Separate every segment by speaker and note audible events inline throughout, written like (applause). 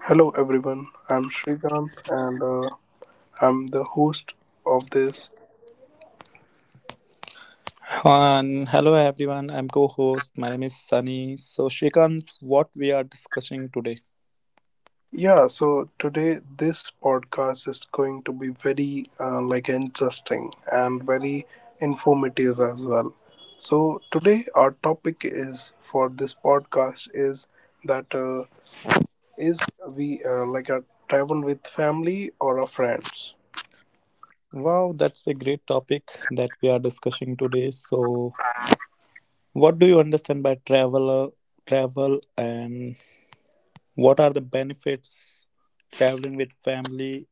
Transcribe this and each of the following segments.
Speaker 1: Hello, everyone. I'm Srikanth and I'm the host of this.
Speaker 2: And hello everyone, I'm co-host. My name is Sunny. So Shrikant, what we are discussing today?
Speaker 1: Yeah, so today this podcast is going to be very like interesting and very informative as well. So today our topic is for this podcast is that is we like a travel with family or a friends.
Speaker 2: Wow, that's a great topic that we are discussing today. So what do you understand by travel and what are the benefits traveling with family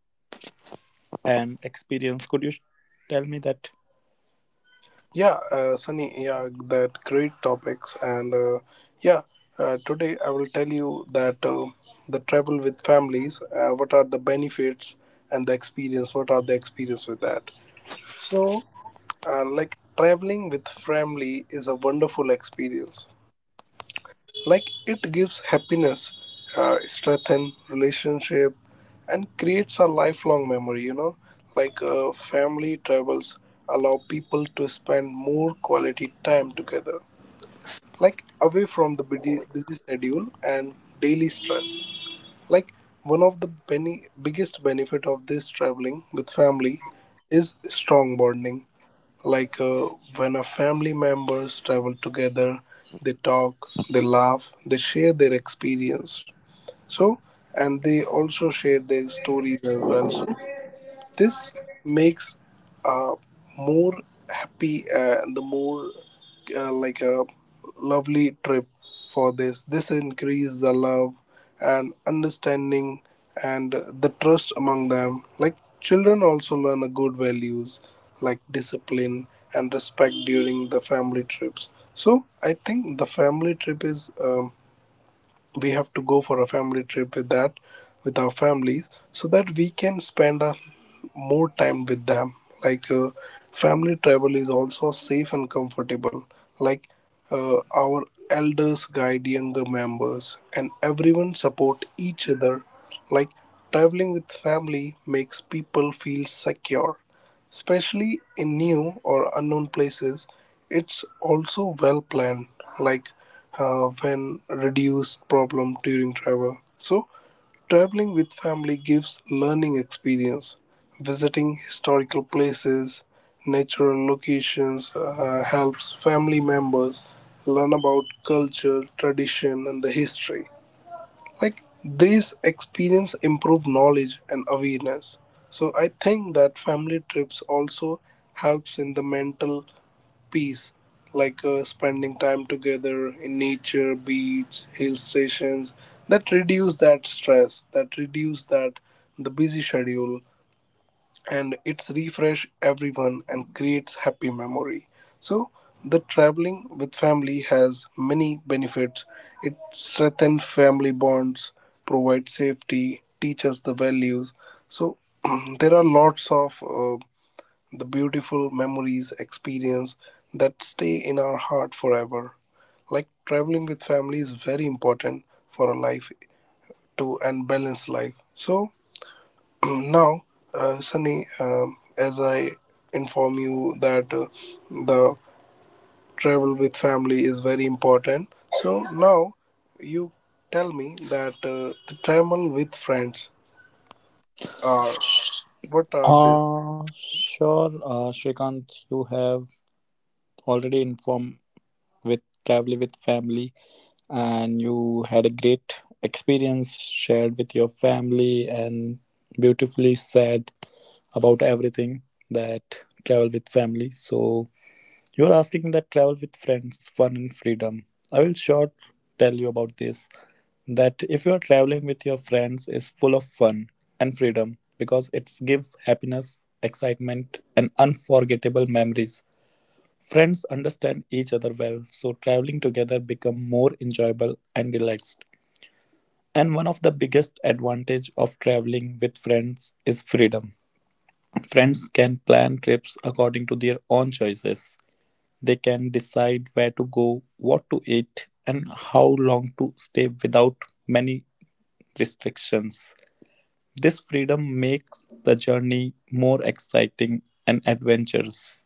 Speaker 2: and experience? Could you tell me that?
Speaker 1: Yeah, Sunny, yeah, that great topics. And yeah, today I will tell you that the travel with families, what are the benefits and the experience, what are the experience with that. So, like traveling with family is a wonderful experience. Like it gives happiness, strengthen relationship and creates a lifelong memory. Like family travels allow people to spend more quality time together like away from the busy schedule and daily stress. Like one of the biggest benefit of this traveling with family is strong bonding. Like when a family members travel together, they talk, they laugh, they share their experience. So and they also share their stories as well. So this makes uh, more happy and the more like a lovely trip for this increase the love and understanding and the trust among them. Like children also learn a good values like discipline and respect during the family trips. So I think the family trip is we have to go for a family trip with that with our families so that we can spend a more time with them. Like family travel is also safe and comfortable. Like our elders guide younger members and everyone support each other. Like traveling with family makes people feel secure, especially in new or unknown places. It's also well planned, like when reduced problem during travel. So, traveling with family gives learning experience. Visiting historical places, natural locations helps family members learn about culture, tradition, and the history. Like these experience improve knowledge and awareness. So I think that family trips also helps in the mental peace. Like spending time together in nature beach hill stations, that reduce that stress, that reduce that the busy schedule, and it's refresh everyone and creates happy memory. So the traveling with family has many benefits. It strengthens family bonds, provides safety, teaches the values. So (clears throat) there are lots of the beautiful memories experience that stay in our heart forever. Like traveling with family is very important for a life to and balanced life. So now, Sunny, as I inform you that the travel with family is very important. So now you tell me that the travel with friends are what are they?
Speaker 2: Sure, Shrikant, you have already informed with traveling with family and you had a great experience shared with your family and beautifully said about everything that travel with family, so you're asking that travel with friends fun and freedom. I will short tell you about this, that if you are traveling with your friends is full of fun and freedom because it's give happiness, excitement, and unforgettable memories. Friends understand each other well, so traveling together become more enjoyable and relaxed, and one of the biggest advantage of traveling with friends is freedom. Friends can plan trips according to their own choices. They can decide where to go, what to eat, and how long to stay without many restrictions. This freedom makes the journey more exciting and adventurous.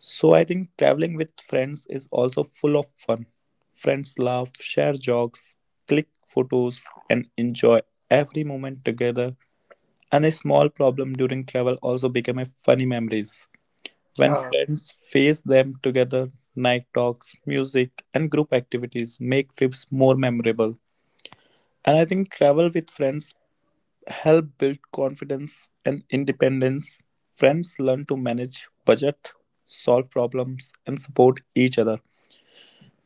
Speaker 2: So I think traveling with friends is also full of fun. Friends laugh, share jokes, click photos, and enjoy every moment together. And a small problem during travel also became a funny memories. When
Speaker 1: Yeah.
Speaker 2: friends face them together, night talks, music, and group activities make trips more memorable. And I think travel with friends help build confidence and independence. Friends learn to manage budget, solve problems, and support each other.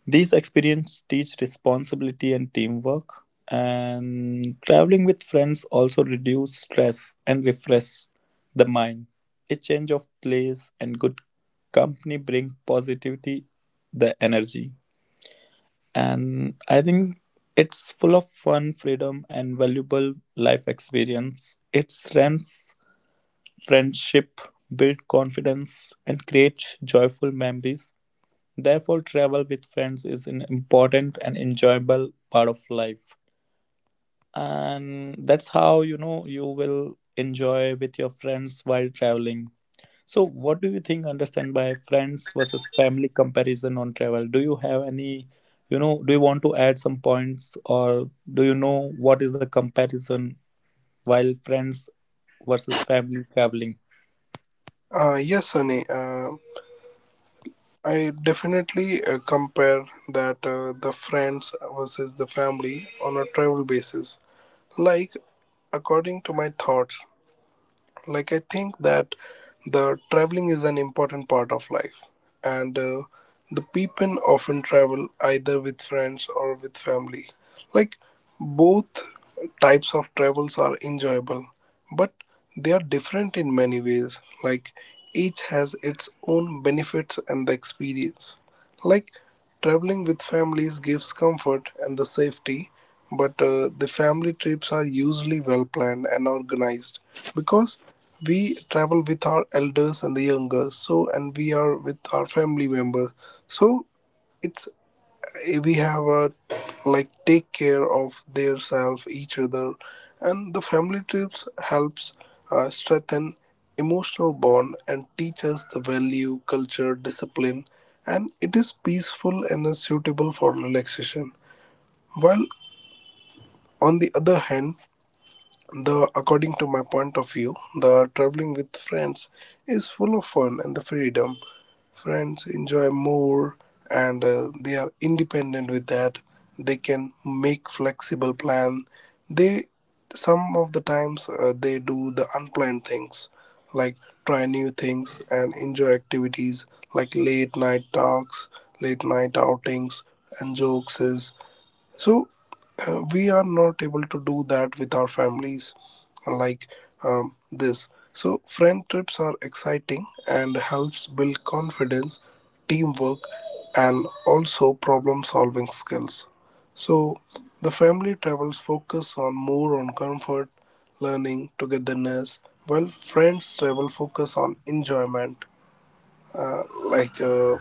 Speaker 2: These experiences teach responsibility and teamwork, and traveling with friends also reduce stress and refresh the mind. A change of place and good company bring positivity, the energy, and I think it's full of fun, freedom, and valuable life experience. It strengthens friendship, build confidence, and create joyful memories. Therefore, travel with friends is an important and enjoyable part of life. And that's how, you know, you will enjoy with your friends while traveling. So, what do you think understand by friends versus family comparison on travel? Do you have any, you know, do you want to add some points or do you know what is the comparison while friends versus family traveling?
Speaker 1: Yes, Sunny. I definitely compare that the friends versus the family on a travel basis. Like according to my thoughts, like I think that the traveling is an important part of life and the people often travel either with friends or with family. Like both types of travels are enjoyable, but they are different in many ways. Like each has its own benefits and the experience. Like traveling with families gives comfort and the safety, but the family trips are usually well planned and organized because we travel with our elders and the younger, so and we are with our family members. So it's we have a like take care of their self each other. And the family trips helps strengthen emotional bond and teach us the value culture discipline. And it is peaceful and is suitable for relaxation, while on the other hand, the according to my point of view, the traveling with friends is full of fun and the freedom. Friends enjoy more and they are independent with that. They can make flexible plan. They some of the times they do the unplanned things like try new things and enjoy activities like late night talks, late night outings, and jokes. So we are not able to do that with our families. Like this so friend trips are exciting and helps build confidence, teamwork, and also problem solving skills. So the family travels focus on more on comfort, learning, togetherness, while friends travel focus on enjoyment, like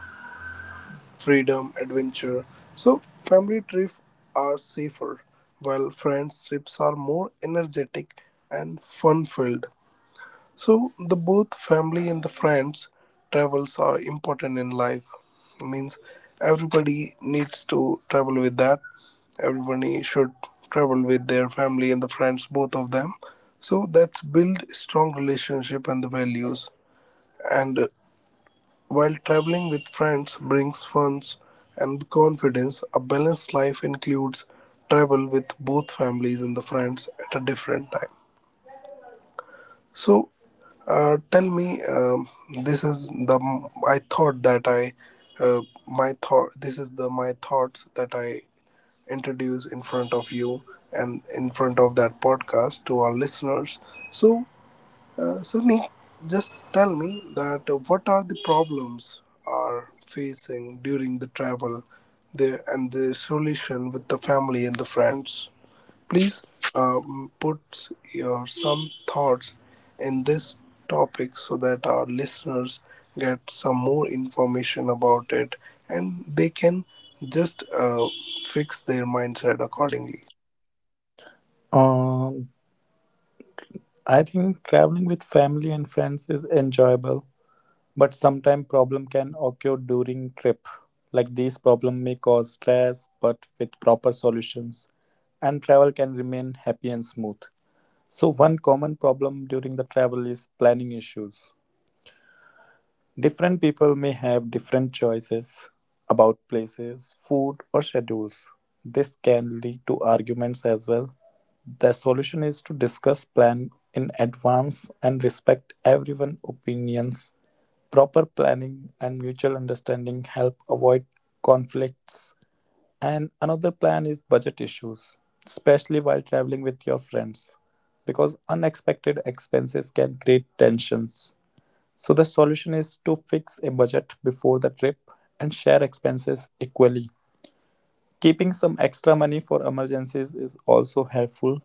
Speaker 1: freedom, adventure. So, family trips are safer, while friends trips are more energetic and fun filled. So, the both family and the friends travels are important in life. Means everybody needs to travel with that. Everybody should travel with their family and the friends, both of them. So that's build strong relationship and the values. And while traveling with friends brings fun and confidence, a balanced life includes travel with both families and the friends at a different time. So, tell me, this is the I thought that I uh, my thought. This is the my thoughts that I introduce in front of you and in front of that podcast to our listeners. So, so, Nick, just tell me that what are the problems are facing during the travel there and the solution with the family and the friends. Please put your some thoughts in this topic so that our listeners get some more information about it, and they can just fix their mindset accordingly.
Speaker 2: Um, I think traveling with family and friends is enjoyable, but sometimes problem can occur during trip. Like these problem may cause stress, but with proper solutions, and travel can remain happy and smooth. So one common problem during the travel is planning issues. Different people may have different choices about places, food, or schedules. This can lead to arguments as well. The solution is to discuss plan in advance and respect everyone's opinions. Proper planning and mutual understanding help avoid conflicts. And another plan is budget issues, especially while traveling with your friends, because unexpected expenses can create tensions. So, the solution is to fix a budget before the trip and share expenses equally. Keeping some extra money for emergencies is also helpful,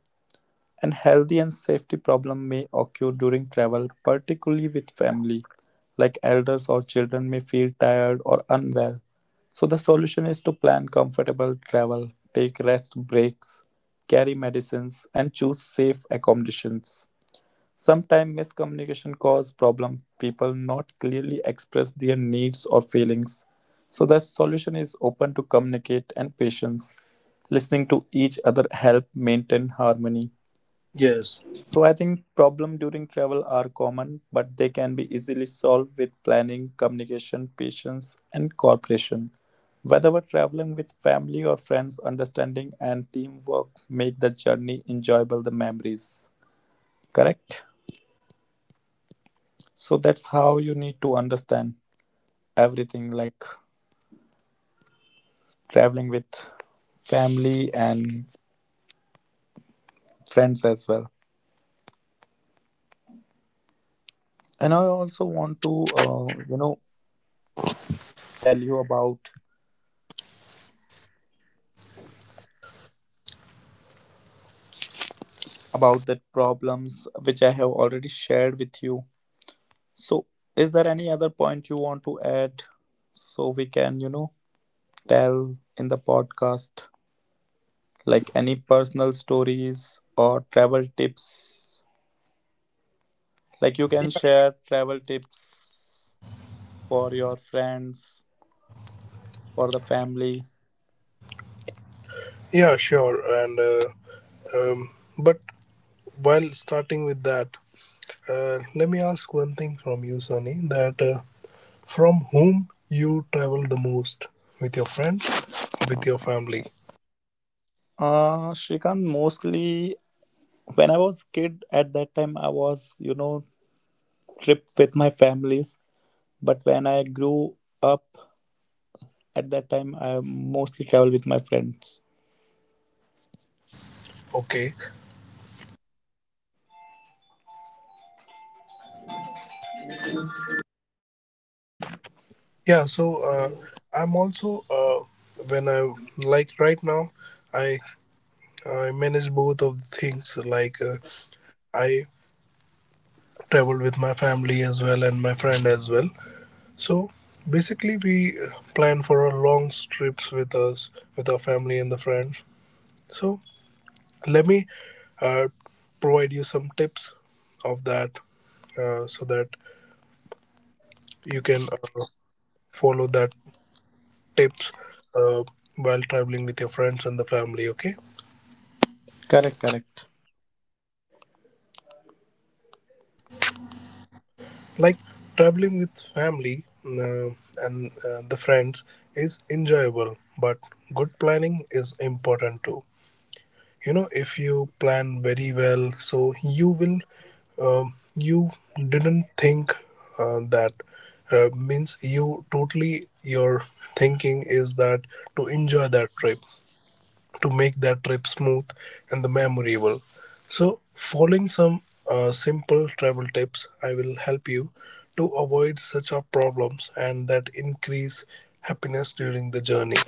Speaker 2: and health and safety problem may occur during travel, particularly with family, like elders or children may feel tired or unwell. So the solution is to plan comfortable travel, take rest breaks, carry medicines, and choose safe accommodations. Sometimes miscommunication cause problem. People not clearly express their needs or feelings. So the solution is open to communicate and patience. Listening to each other help maintain harmony.
Speaker 1: Yes.
Speaker 2: So I think problems during travel are common, but they can be easily solved with planning, communication, patience, and cooperation. Whether we're traveling with family or friends, understanding and teamwork make the journey enjoyable, the memories. Correct? So that's how you need to understand everything, like traveling with family and friends as well. And I also want to, you know, tell you about that problems which I have already shared with you. So, is there any other point you want to add so we can, you know, tell in the podcast? Like any personal stories or travel tips? Like you can share travel tips for your friends, for the family.
Speaker 1: Yeah, sure. And um, but while starting with that, let me ask one thing from you, Sunny. That from whom you travel the most? With your friends, with your family?
Speaker 2: Shrikant, mostly when I was kid at that time, I was, you know, trip with my families. But when I grew up, at that time, I mostly travel with my friends.
Speaker 1: Okay. Yeah. So I'm also when I like right now, I I manage both of the things. Like I travel with my family as well and my friend as well. So basically, we plan for our long trips with us, with our family and the friends. So let me uh, provide you some tips of that so that you can follow that tips uh, while traveling with your friends and the family, okay?
Speaker 2: Correct, correct.
Speaker 1: Like traveling with family and the friends is enjoyable, but good planning is important too. If you plan very well, so you will you didn't think that means you totally your thinking is that to enjoy that trip, to make that trip smooth and the memorable. So following some simple travel tips I will help you to avoid such a problems and that increase happiness during the journey.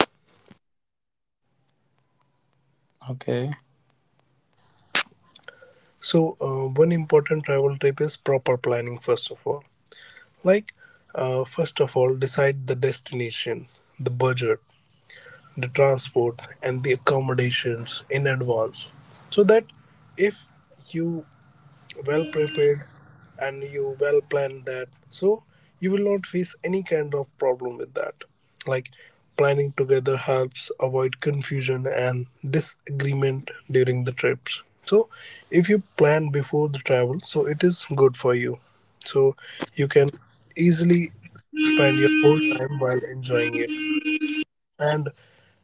Speaker 2: Okay.
Speaker 1: So one important travel tip is proper planning first of all. Like, first of all, decide the destination, the budget, the transport, and the accommodations in advance so that if you well prepared and you well plan that, so you will not face any kind of problem with that. Like planning together helps avoid confusion and disagreement during the trips. So if you plan before the travel, so it is good for you. So you can easily spend your whole time while enjoying it. And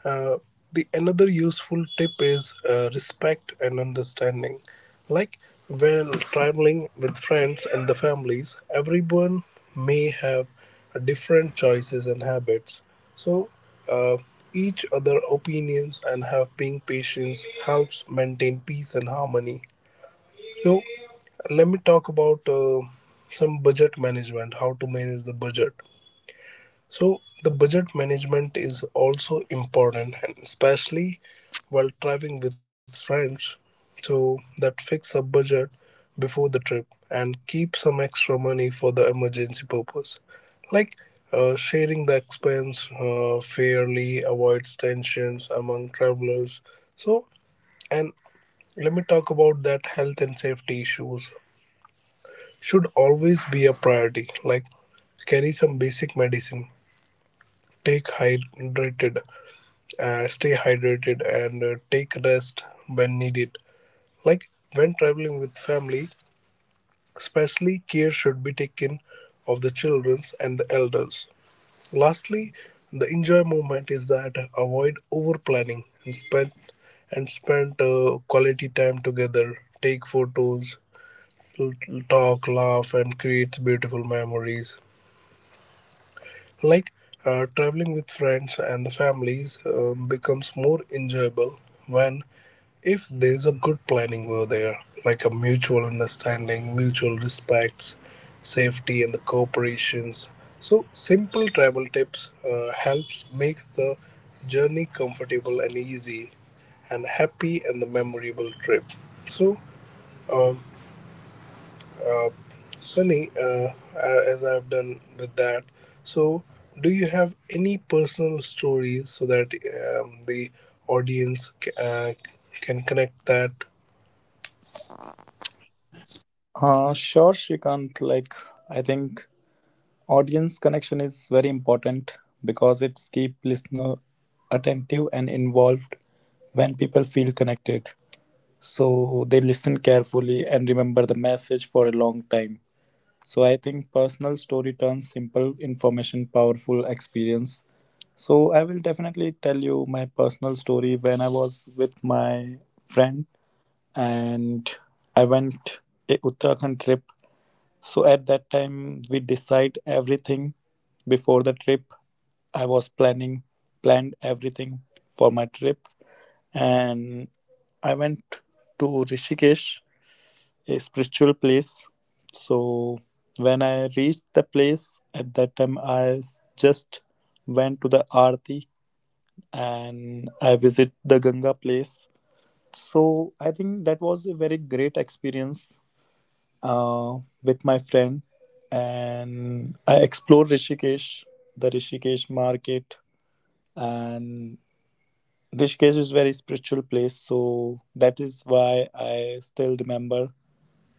Speaker 1: uh, the another useful tip is respect and understanding. Like when traveling with friends and the families, everyone may have different choices and habits. So uh, each other opinions and have being patience helps maintain peace and harmony. So let me talk about some budget management. How to manage the budget. So the budget management is also important, and especially while traveling with friends, so that fix a budget before the trip and keep some extra money for the emergency purpose. Like sharing the expense fairly avoids tensions among travelers. So, and let me talk about that health and safety issues should always be a priority. Like carry some basic medicine, take hydrated stay hydrated and take rest when needed. Like when traveling with family, especially care should be taken of the children and the elders. Lastly, the enjoy moment is that avoid over planning and spend quality time together. Take photos, l- talk, laugh, and create beautiful memories. Like traveling with friends and the families becomes more enjoyable when if there's a good planning over there, like a mutual understanding, mutual respects, safety, and the cooperations. So simple travel tips helps makes the journey comfortable and easy, and happy and the memorable trip. So, um, Sunny, as I've done with that, so do you have any personal stories so that the audience can connect that?
Speaker 2: Sure, Shrikant. Like, I think audience connection is very important because it's keep listener attentive and involved when people feel connected. So they listen carefully and remember the message for a long time. So I think personal story turns simple information powerful experience. So I will definitely tell you my personal story when I was with my friend and I went a Uttarakhand trip. So at that time we decide everything before the trip. I was planning planned everything for my trip and I went to Rishikesh, a spiritual place. So when I reached the place at that time, I just went to the Aarti and I visit the Ganga place. So I think that was a very great experience uh, with my friend, and I explored Rishikesh, the Rishikesh market, and Rishikesh is very spiritual place. So that is why I still remember.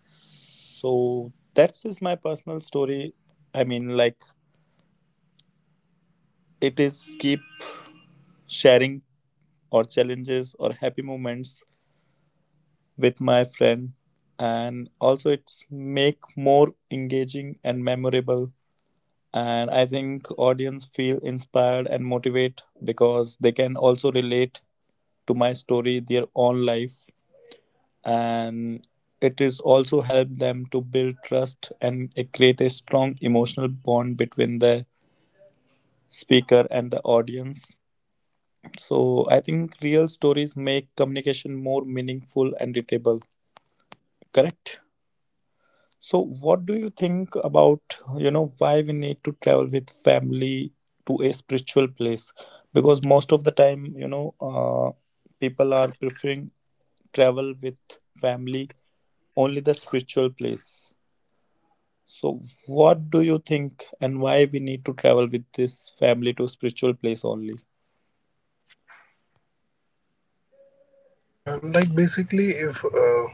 Speaker 2: So that's just my personal story, I mean, like, it is keep sharing or challenges or happy moments with my friend, and also it's make more engaging and memorable, and I think audience feel inspired and motivate because they can also relate to my story their own life, and it is also help them to build trust and create a strong emotional bond between the speaker and the audience. So I think real stories make communication more meaningful and readable. Correct. So what do you think about, you know, why we need to travel with family to a spiritual place? Because most of the time, you know, people are preferring travel with family only the spiritual place. So what do you think and why we need to travel with this family to spiritual place only?
Speaker 1: Like basically, if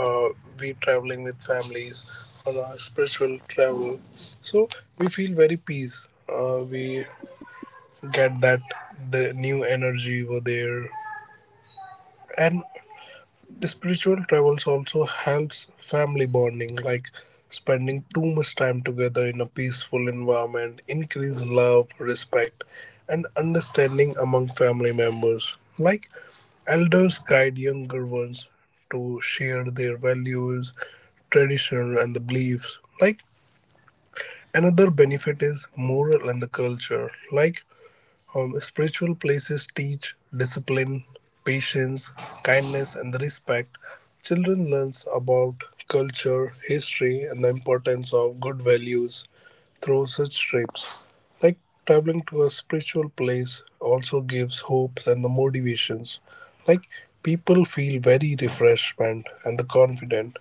Speaker 1: uh, we traveling with families on our spiritual travel, so we feel very peace. We get that the new energy over there, and the spiritual travels also helps family bonding, like spending too much time together in a peaceful environment, increase love, respect, and understanding among family members. Like elders guide younger ones to share their values, tradition, and the beliefs. Like another benefit is moral and the culture, like spiritual places teach discipline, patience, kindness, and the respect. Children learns about culture, history, and the importance of good values through such trips. Like traveling to a spiritual place also gives hopes and the motivations. Like people feel very refreshment and the confident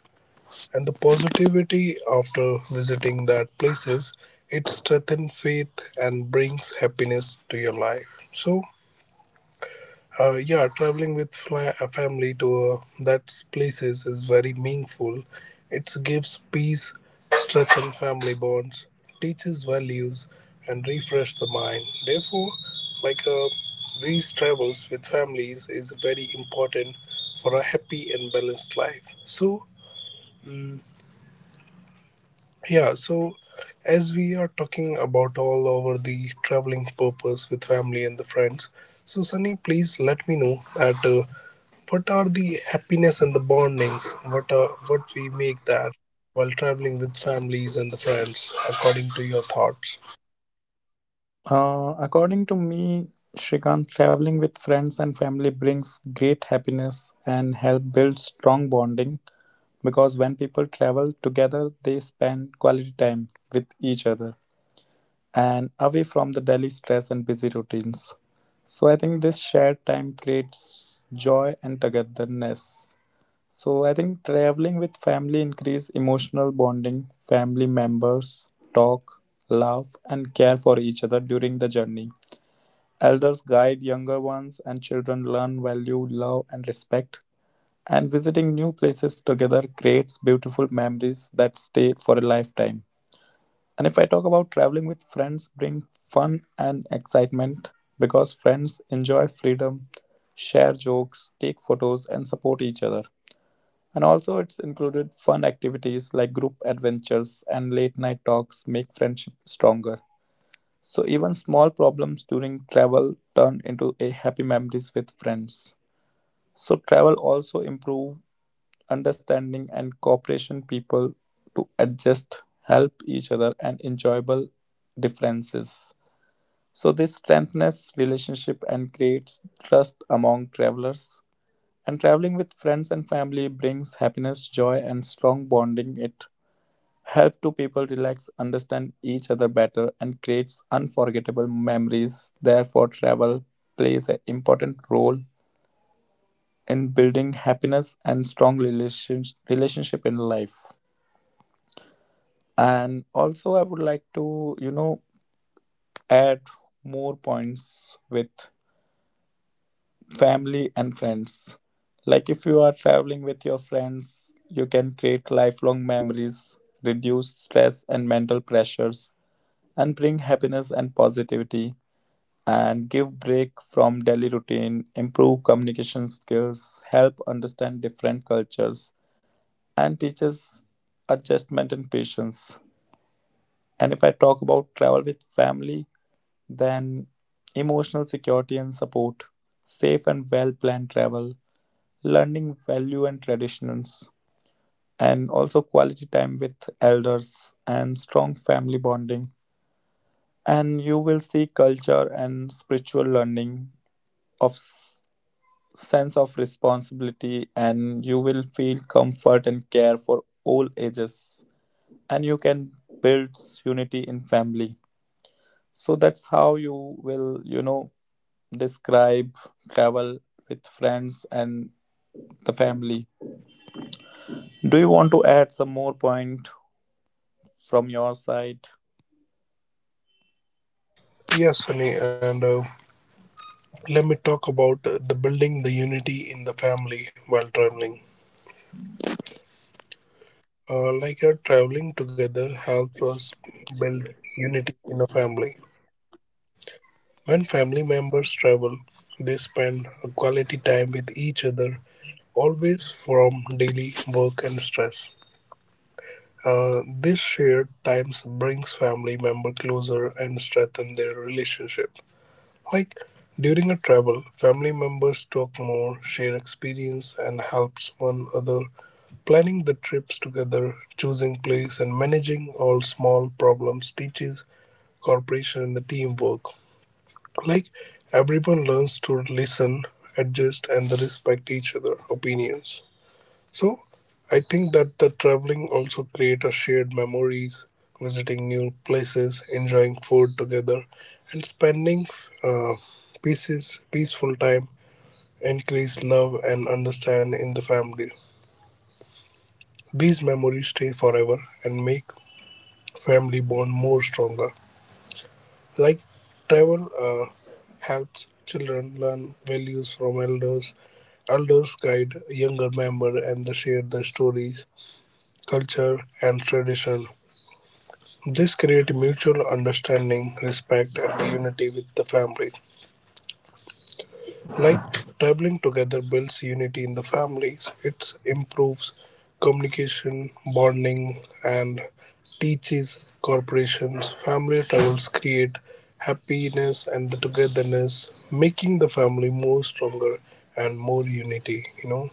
Speaker 1: and the positivity after visiting that places, it strengthens faith and brings happiness to your life. So yeah, traveling with a family to that places is very meaningful. It gives peace, strengthens family bonds, teaches values, and refresh the mind. Therefore, like uh, these travels with families is very important for a happy and balanced life. So yeah, so as we are talking about all over the traveling purpose with family and the friends, so Sunny, please let me know that, what are the happiness and the bondings, what we make that while traveling with families and the friends, according to your thoughts.
Speaker 2: According to me, Shrikant, traveling with friends and family brings great happiness and help build strong bonding because when people travel together, they spend quality time with each other and away from the daily stress and busy routines. So I think this shared time creates joy and togetherness. So I think traveling with family increase emotional bonding. Family members talk, laugh, and care for each other during the journey. Elders guide younger ones, and children learn value, love, and respect. And visiting new places together creates beautiful memories that stay for a lifetime. And if I talk about traveling with friends, bring fun and excitement because friends enjoy freedom, share jokes, take photos, and support each other. And also, it's included fun activities like group adventures and late night talks make friendship stronger. So even small problems during travel turn into a happy memories with friends. So travel also improve understanding and cooperation people to adjust, help each other and enjoyable differences. So this strengthens relationship and creates trust among travelers. And traveling with friends and family brings happiness, joy, and strong bonding. It help two people relax, understand each other better, and creates unforgettable memories. Therefore, travel plays an important role in building happiness and strong relationship in life. And also, I would like to, you know, add more points with family and friends. Like, if you are traveling with your friends, you can create lifelong memories, reduce stress and mental pressures, and bring happiness and positivity and give break from daily routine, improve communication skills, help understand different cultures, and teaches adjustment and patience. And if I talk about travel with family, then emotional security and support, safe and well planned travel, learning value and traditions, and also quality time with elders and strong family bonding. And you will see culture and spiritual learning of s- sense of responsibility, and you will feel comfort and care for all ages, and you can build unity in family. So that's how you will, you know, describe travel with friends and the family. Do you want to add some more point from your side?
Speaker 1: Yes, Sunny, and let me talk about the building the unity in the family while traveling. Like our traveling together helps us build unity in a family. When family members travel, they spend quality time with each other, always from daily work and stress. This shared times brings family member closer and strengthen their relationship. Like during a travel, family members talk more, share experience, and helps one another. Planning the trips together, choosing place, and managing all small problems teaches cooperation and the teamwork. Like everyone learns to listen, adjust, and respect each other opinions. So I think that the traveling also create a shared memories, visiting new places, enjoying food together, and spending uh, pieces peaceful time, increase love and understand in the family. These memories stay forever and make family bond more stronger. Like travel helps children learn values from elders. Elders guide younger members and they share their stories, culture, and tradition. This creates mutual understanding, respect, and unity with the family. Like traveling together builds unity in the families, it improves communication, bonding, and teaches corporations. Family travels create happiness and the togetherness, making the family more stronger and more unity, you know.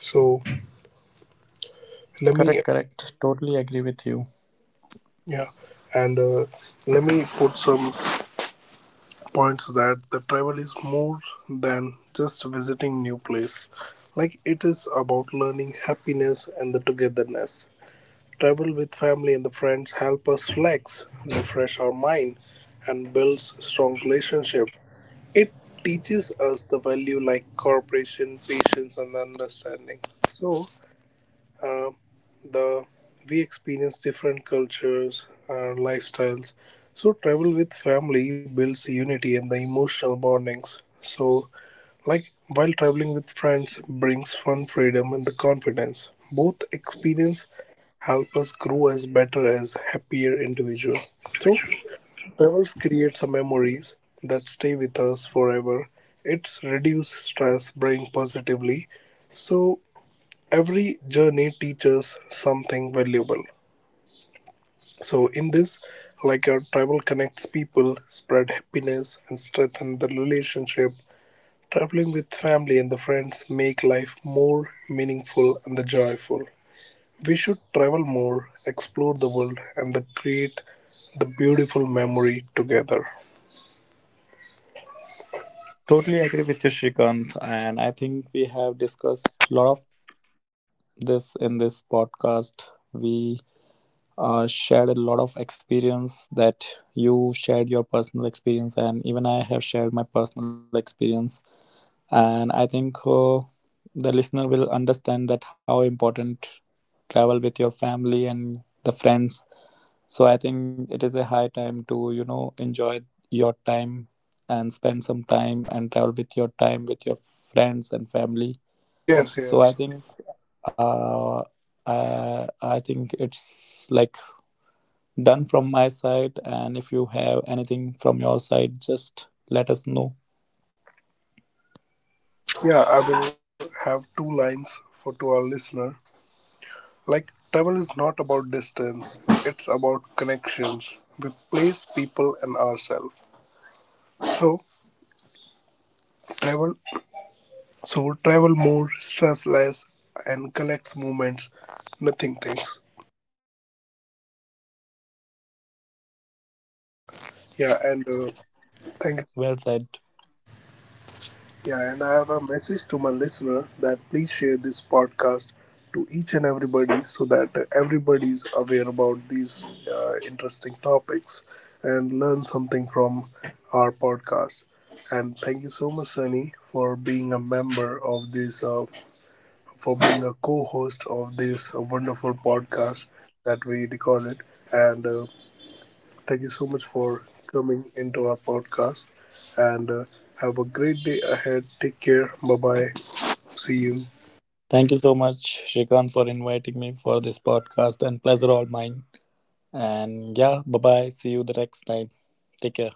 Speaker 1: So let me,
Speaker 2: Correct, correct, totally agree with you.
Speaker 1: yeah, and let me put some points that the travel is more than just visiting new place. Like it is about learning happiness and the togetherness. Travel with family and the friends help us relax, refresh our mind, and builds strong relationship. It teaches us the value like cooperation, patience, and understanding. So, uh, the we experience different cultures and lifestyles. So travel with family builds unity and the emotional bondings. So like while traveling with friends brings fun, freedom, and the confidence, both experience help us grow as better as happier individual. So travels create some memories that stay with us forever. It's reduce stress, bring positively. So every journey teaches something valuable. So, in this, like our travel connects people, spread happiness, and strengthen the relationship. Traveling with family and the friends make life more meaningful and the joyful. We should travel more, explore the world, and the create the beautiful memory together.
Speaker 2: Totally agree with you, Shrikant, and I think we have discussed a lot of this in this podcast. We shared a lot of experience, that you shared your personal experience and even I have shared my personal experience, and I think the listener will understand that how important travel with your family and the friends. So I think it is a high time to, you know, enjoy your time and spend some time and travel with your time with your friends and family.
Speaker 1: Yes,
Speaker 2: So I
Speaker 1: yes.
Speaker 2: think uh, I think it's like done from my side, and if you have anything from your side, just let us know.
Speaker 1: Yeah, I will have two lines for to our listener. Like travel is not about distance, it's about connections with place, people, and ourselves. So travel So travel more, stress less, and collects moments, nothing things.
Speaker 2: Correct,
Speaker 1: Yeah, and
Speaker 2: Shrikant.
Speaker 1: thank.
Speaker 2: Well said.
Speaker 1: Yeah, and I have a message to my listener that please share this podcast to each and everybody so that everybody is aware about these interesting topics and learn something from our podcast. And thank you so much, Sunny, for being a member of this for being a co-host of this wonderful podcast that we recorded. And thank you so much for coming into our podcast. And have a great day ahead. Take care. Bye bye. See you.
Speaker 2: Thank you so much, Shrikant, for inviting me for this podcast and pleasure all mine. And yeah, bye bye. See you the next time. Take care.